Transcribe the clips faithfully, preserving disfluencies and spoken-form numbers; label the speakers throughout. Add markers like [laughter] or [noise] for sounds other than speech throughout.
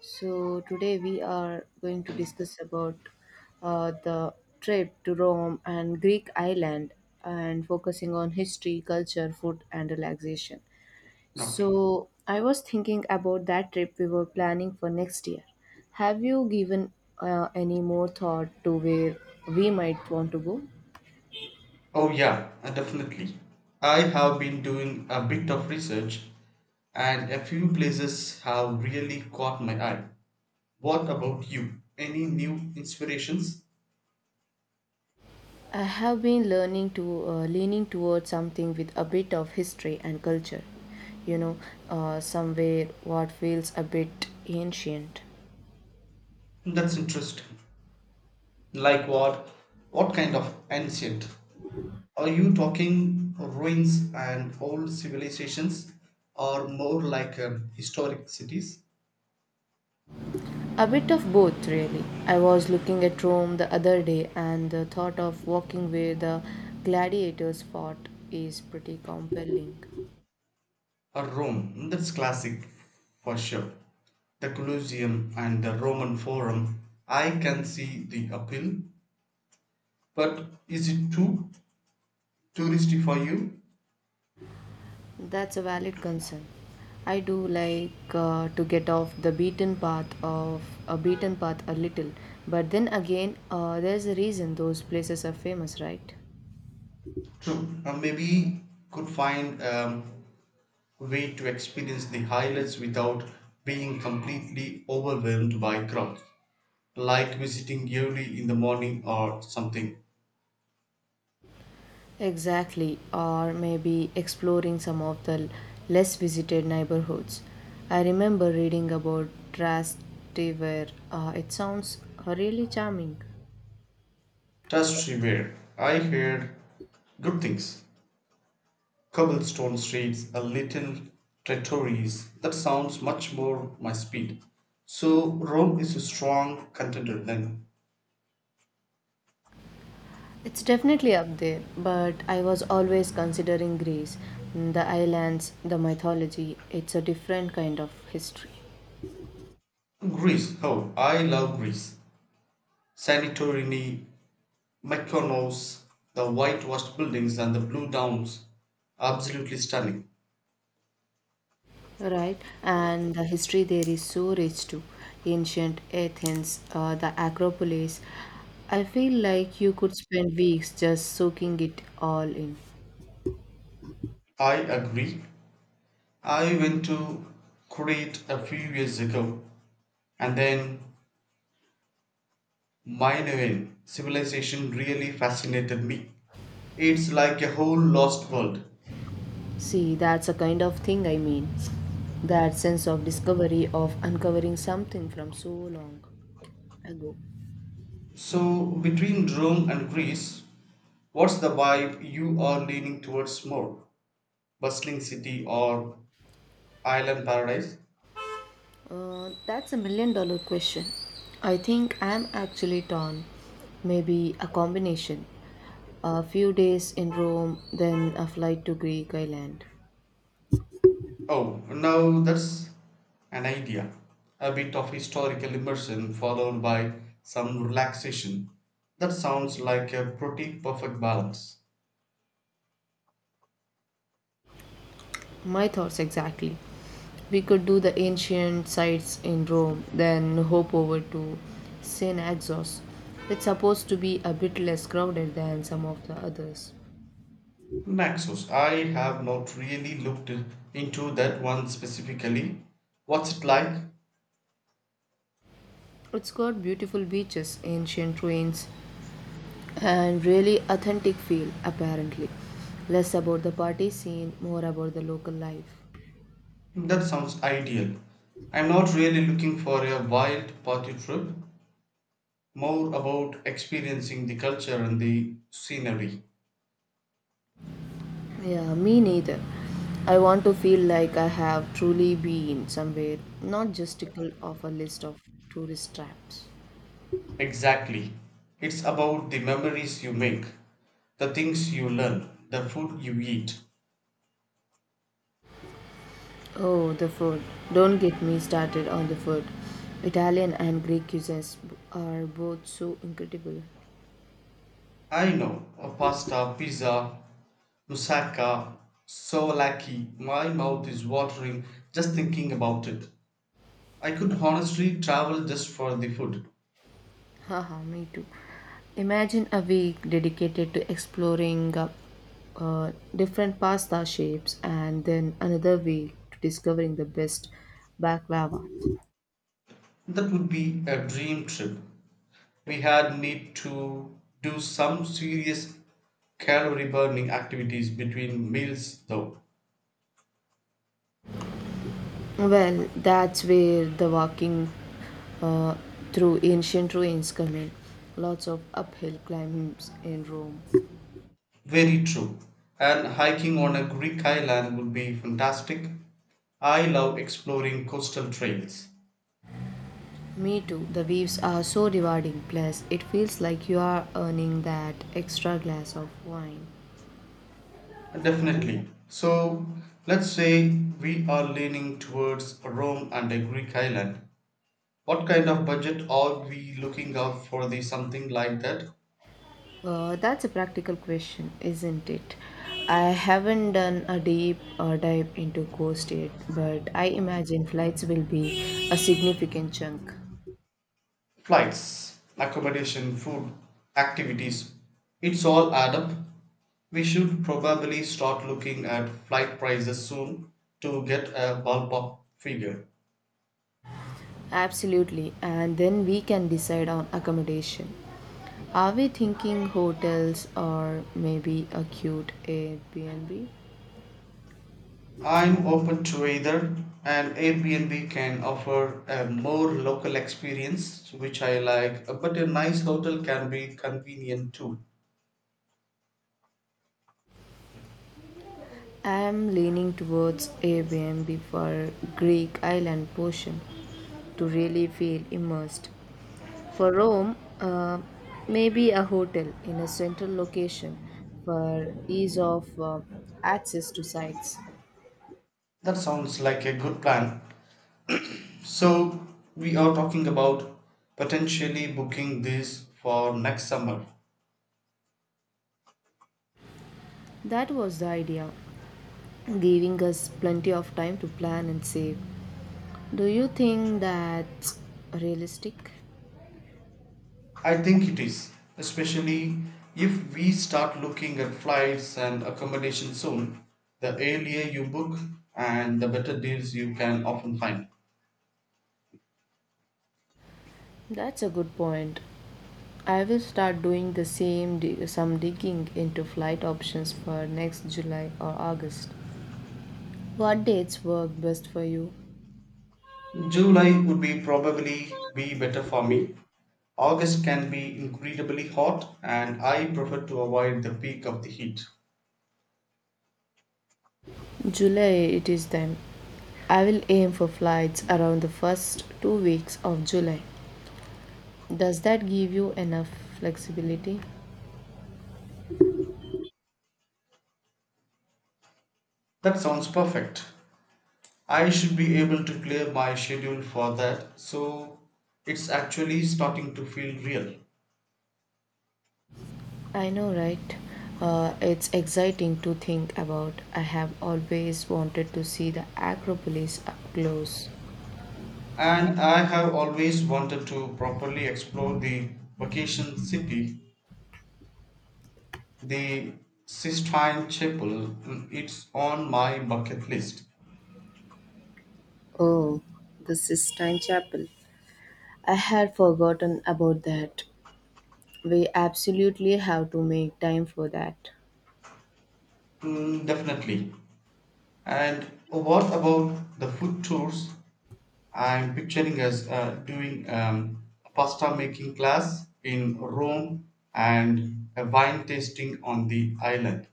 Speaker 1: So today we are going to discuss about uh, the trip to Rome and Greek island, and focusing on history, culture, food and relaxation.
Speaker 2: Okay.
Speaker 1: So I was thinking about that trip we were planning for next year. Have you given uh, any more thought to where we might want to go?
Speaker 2: Oh, yeah, uh, definitely. I have been doing a bit of research, and a few places have really caught my eye. What about you? Any new inspirations?
Speaker 1: I have been learning to uh, leaning towards something with a bit of history and culture, you know, uh, somewhere what feels a bit ancient.
Speaker 2: That's interesting. Like what? What kind of ancient? Are you talking ruins and old civilizations, or more like um, historic cities?
Speaker 1: A bit of both, really. I was looking at Rome the other day, and the thought of walking where the gladiators fought is pretty compelling.
Speaker 2: Uh, Rome, that's classic for sure. The Colosseum and the Roman Forum, I can see the appeal, but is it too touristy for you?
Speaker 1: That's a valid concern. I do like uh, to get off the beaten path of a beaten path a little, but then again, uh, there's a reason those places are famous, right?
Speaker 2: True, uh, maybe could find a way to experience the highlights without being completely overwhelmed by crowds, like visiting early in the morning or something.
Speaker 1: Exactly, or maybe exploring some of the less visited neighborhoods. I remember reading about Trastevere. Uh, it sounds really charming.
Speaker 2: Trust me, where I heard good things. Cobblestone streets and little trattorias. That sounds much more my speed. So Rome is a strong contender then.
Speaker 1: It's definitely up there, but I was always considering Greece, the islands, the mythology. It's a different kind of history,
Speaker 2: Greece. Oh, I love Greece. Santorini, Mykonos, the whitewashed buildings and the blue downs. Absolutely stunning.
Speaker 1: right? And the history there is so rich too. Ancient Athens, uh, the Acropolis. I feel like you could spend weeks just soaking it all in.
Speaker 2: I agree. I went to Crete a few years ago and then Minoan civilization really fascinated me. It's like a whole lost world.
Speaker 1: See, that's a kind of thing I mean. That sense of discovery, of uncovering something from so long ago.
Speaker 2: So, between Rome and Greece, what's the vibe you are leaning towards more? Bustling city or island paradise?
Speaker 1: Uh, that's a million dollar question. I think I'm actually torn. Maybe a combination. A few days in Rome, then a flight to Greek island.
Speaker 2: Oh, now that's an idea. A bit of historical immersion followed by some relaxation. That sounds like a pretty perfect balance.
Speaker 1: My thoughts exactly. We could do the ancient sites in Rome, then hop over to Saint Exos. It's supposed to be a bit less crowded than some of the others.
Speaker 2: Naxos, I have not really looked into that one specifically. What's it like?
Speaker 1: It's got beautiful beaches, ancient ruins, and really authentic feel, apparently less about the party scene, more about the local life.
Speaker 2: That sounds ideal. I'm not really looking for a wild party trip, more about experiencing the culture and the scenery.
Speaker 1: Yeah, me neither. I want to feel like I have truly been somewhere, not just tickle off a list of tourist traps.
Speaker 2: Exactly. It's about the memories you make, the things you learn, the food you eat.
Speaker 1: Oh, the food. Don't get me started on the food. Italian and Greek cuisines are both so incredible.
Speaker 2: I know, a pasta, pizza, moussaka, souvlaki. My mouth is watering just thinking about it. I could honestly travel just for the food.
Speaker 1: Haha, me too. Imagine a week dedicated to exploring uh, uh, different pasta shapes and then another week to discovering the best baklava.
Speaker 2: That would be a dream trip. We had need to do some serious calorie burning activities between meals though.
Speaker 1: Well, that's where the walking, uh, through ancient ruins come in. Lots of uphill climbs in Rome.
Speaker 2: Very true, and hiking on a Greek island would be fantastic. I love exploring coastal trails.
Speaker 1: Me too. The views are so rewarding. Plus, it feels like you are earning that extra glass of wine.
Speaker 2: Definitely. So let's say we are leaning towards Rome and a Greek island, what kind of budget are we looking out for the something like that?
Speaker 1: Uh, that's a practical question, isn't it? I haven't done a deep uh, dive into ghost yet, but I imagine flights will be a significant chunk.
Speaker 2: Flights, accommodation, food, activities, it's all add up. We should probably start looking at flight prices soon to get a ballpark figure.
Speaker 1: Absolutely, and then we can decide on accommodation. Are we thinking hotels or maybe a cute Airbnb?
Speaker 2: I'm open to either, and Airbnb can offer a more local experience, which I like, but a nice hotel can be convenient too.
Speaker 1: I'm leaning towards Airbnb for Greek island portion to really feel immersed. For Rome, uh, maybe a hotel in a central location for ease of uh, access to sites.
Speaker 2: That sounds like a good plan. So, we are talking about potentially booking this for next summer.
Speaker 1: That was the idea, giving us plenty of time to plan and save. Do you think that's realistic?
Speaker 2: I think it is, especially if we start looking at flights and accommodation soon. The earlier you book and the better deals you can often find.
Speaker 1: That's a good point. I will start doing the same di- some digging into flight options for next July or August. What dates work best for you?
Speaker 2: July would be probably be better for me. August can be incredibly hot and I prefer to avoid the peak of the heat.
Speaker 1: July it is then. I will aim for flights around the first two weeks of July. Does that give you enough flexibility?
Speaker 2: That sounds perfect. I should be able to clear my schedule for that, so it's actually starting to feel real.
Speaker 1: I know, right? Uh, it's exciting to think about. I have always wanted to see the Acropolis up close.
Speaker 2: And I have always wanted to properly explore the Vacation City, the Sistine Chapel. Mm, it's on my bucket list.
Speaker 1: Oh, the Sistine Chapel. I had forgotten about that. We absolutely have to make time for that.
Speaker 2: Mm, definitely. And what about the food tours? I'm picturing us uh, doing um, a pasta making class in Rome and a wine tasting on the island.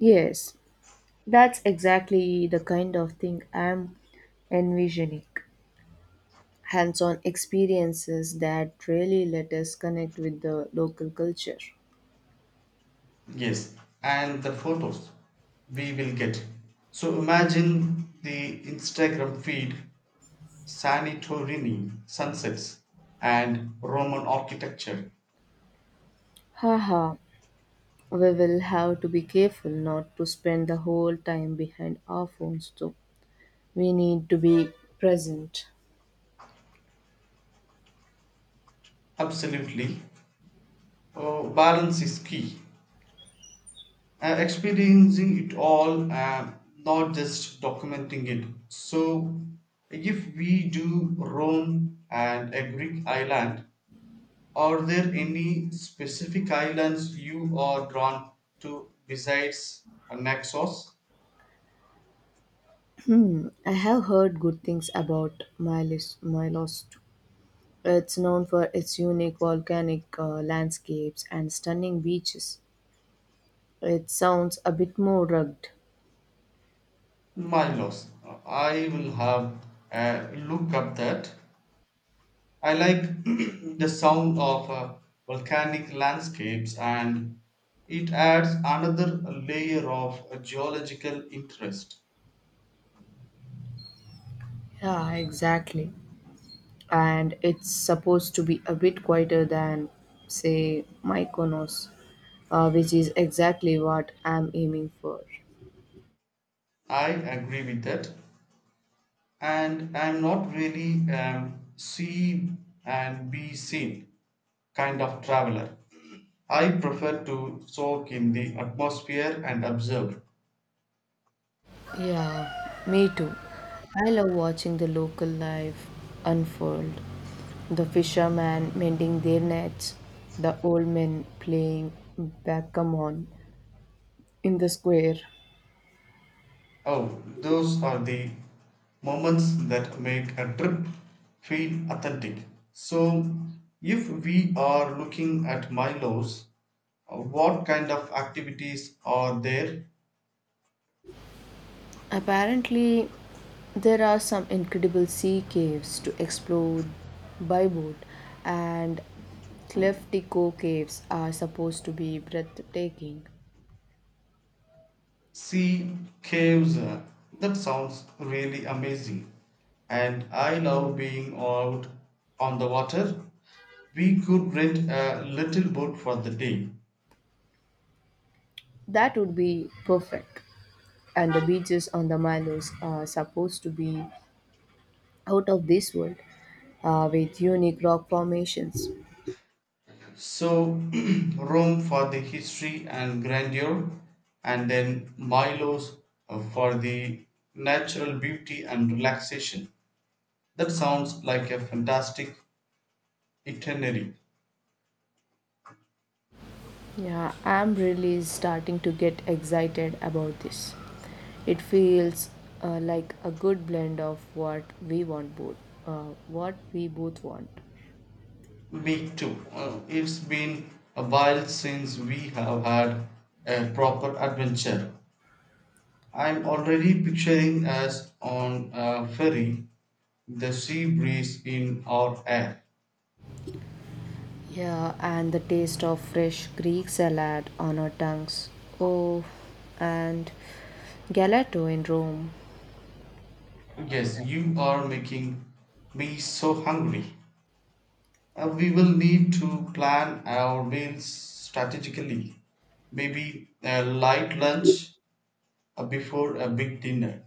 Speaker 1: Yes, that's exactly the kind of thing I'm envisioning. Hands on experiences that really let us connect with the local culture.
Speaker 2: Yes, and the photos we will get. So imagine the Instagram feed, Sanitorini sunsets, and Roman architecture.
Speaker 1: Haha, we will have to be careful not to spend the whole time behind our phones though. We need to be present.
Speaker 2: Absolutely. Oh, balance is key. Uh, experiencing it all, uh, not just documenting it. So, if we do Rome and a Greek island, are there any specific islands you are drawn to besides Naxos?
Speaker 1: Hmm, I have heard good things about Milos, Milos It's known for its unique volcanic uh, landscapes and stunning beaches. It sounds a bit more rugged.
Speaker 2: Mylos. I will have a look up that. I like [clears throat] the sound of uh, volcanic landscapes, and it adds another layer of uh, geological interest.
Speaker 1: Yeah, exactly. And it's supposed to be a bit quieter than, say, Mykonos, uh, which is exactly what I'm aiming for.
Speaker 2: I agree with that. And I'm not really um, see and be seen kind of traveler. I prefer to soak in the atmosphere and observe.
Speaker 1: Yeah, me too. I love watching the local life unfold. The fishermen mending their nets, the old men playing backgammon in the square.
Speaker 2: Oh, those are the moments that make a trip feel authentic. So, if we are looking at Milo's, uh, what kind of activities are there?
Speaker 1: Apparently, there are some incredible sea caves to explore by boat, and Cliff Tico caves are supposed to be breathtaking.
Speaker 2: Sea caves. uh, That sounds really amazing. And I love being out on the water. We could rent a little boat for the day.
Speaker 1: That would be perfect. And the beaches on the Malos are supposed to be out of this world, uh, with unique rock formations.
Speaker 2: So, [clears throat] Rome for the history and grandeur, and then Milos uh, for the natural beauty and relaxation. That sounds like a fantastic itinerary.
Speaker 1: Yeah, I'm really starting to get excited about this. It feels uh, like a good blend of what we want both, uh, what we both want.
Speaker 2: Me too. Uh, it's been a while since we have had a proper adventure. I'm already picturing us on a ferry, the sea breeze in our air.
Speaker 1: Yeah, and the taste of fresh Greek salad on our tongues. Oh, and gelato in Rome,
Speaker 2: Yes, you are making me so hungry. Uh, we will need to plan our meals strategically. Maybe a light lunch uh, before a big dinner.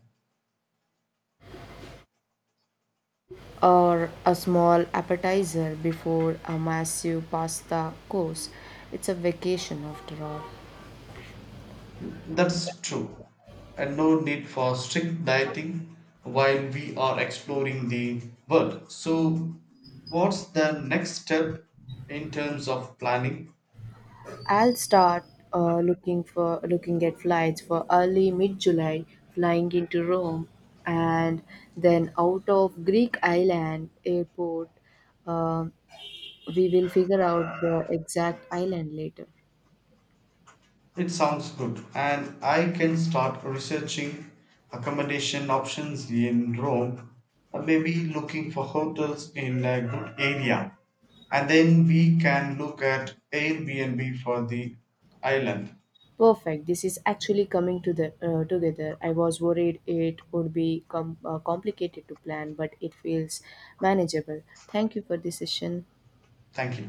Speaker 1: or a small appetizer before a massive pasta course. It's a vacation after all.
Speaker 2: That's true. And no need for strict dieting while we are exploring the world. So, what's the next step in terms of planning?
Speaker 1: I'll start uh, looking for looking at flights for early mid-July, flying into Rome, and then out of Greek island airport. Uh, we will figure out the exact island later.
Speaker 2: It sounds good, and I can start researching accommodation options in Rome, uh, maybe looking for hotels in a good area, and then we can look at Airbnb for the island.
Speaker 1: Perfect. This is actually coming to the uh, together. I was worried it would be com- uh, complicated to plan, but it feels manageable. Thank you for this session.
Speaker 2: Thank you.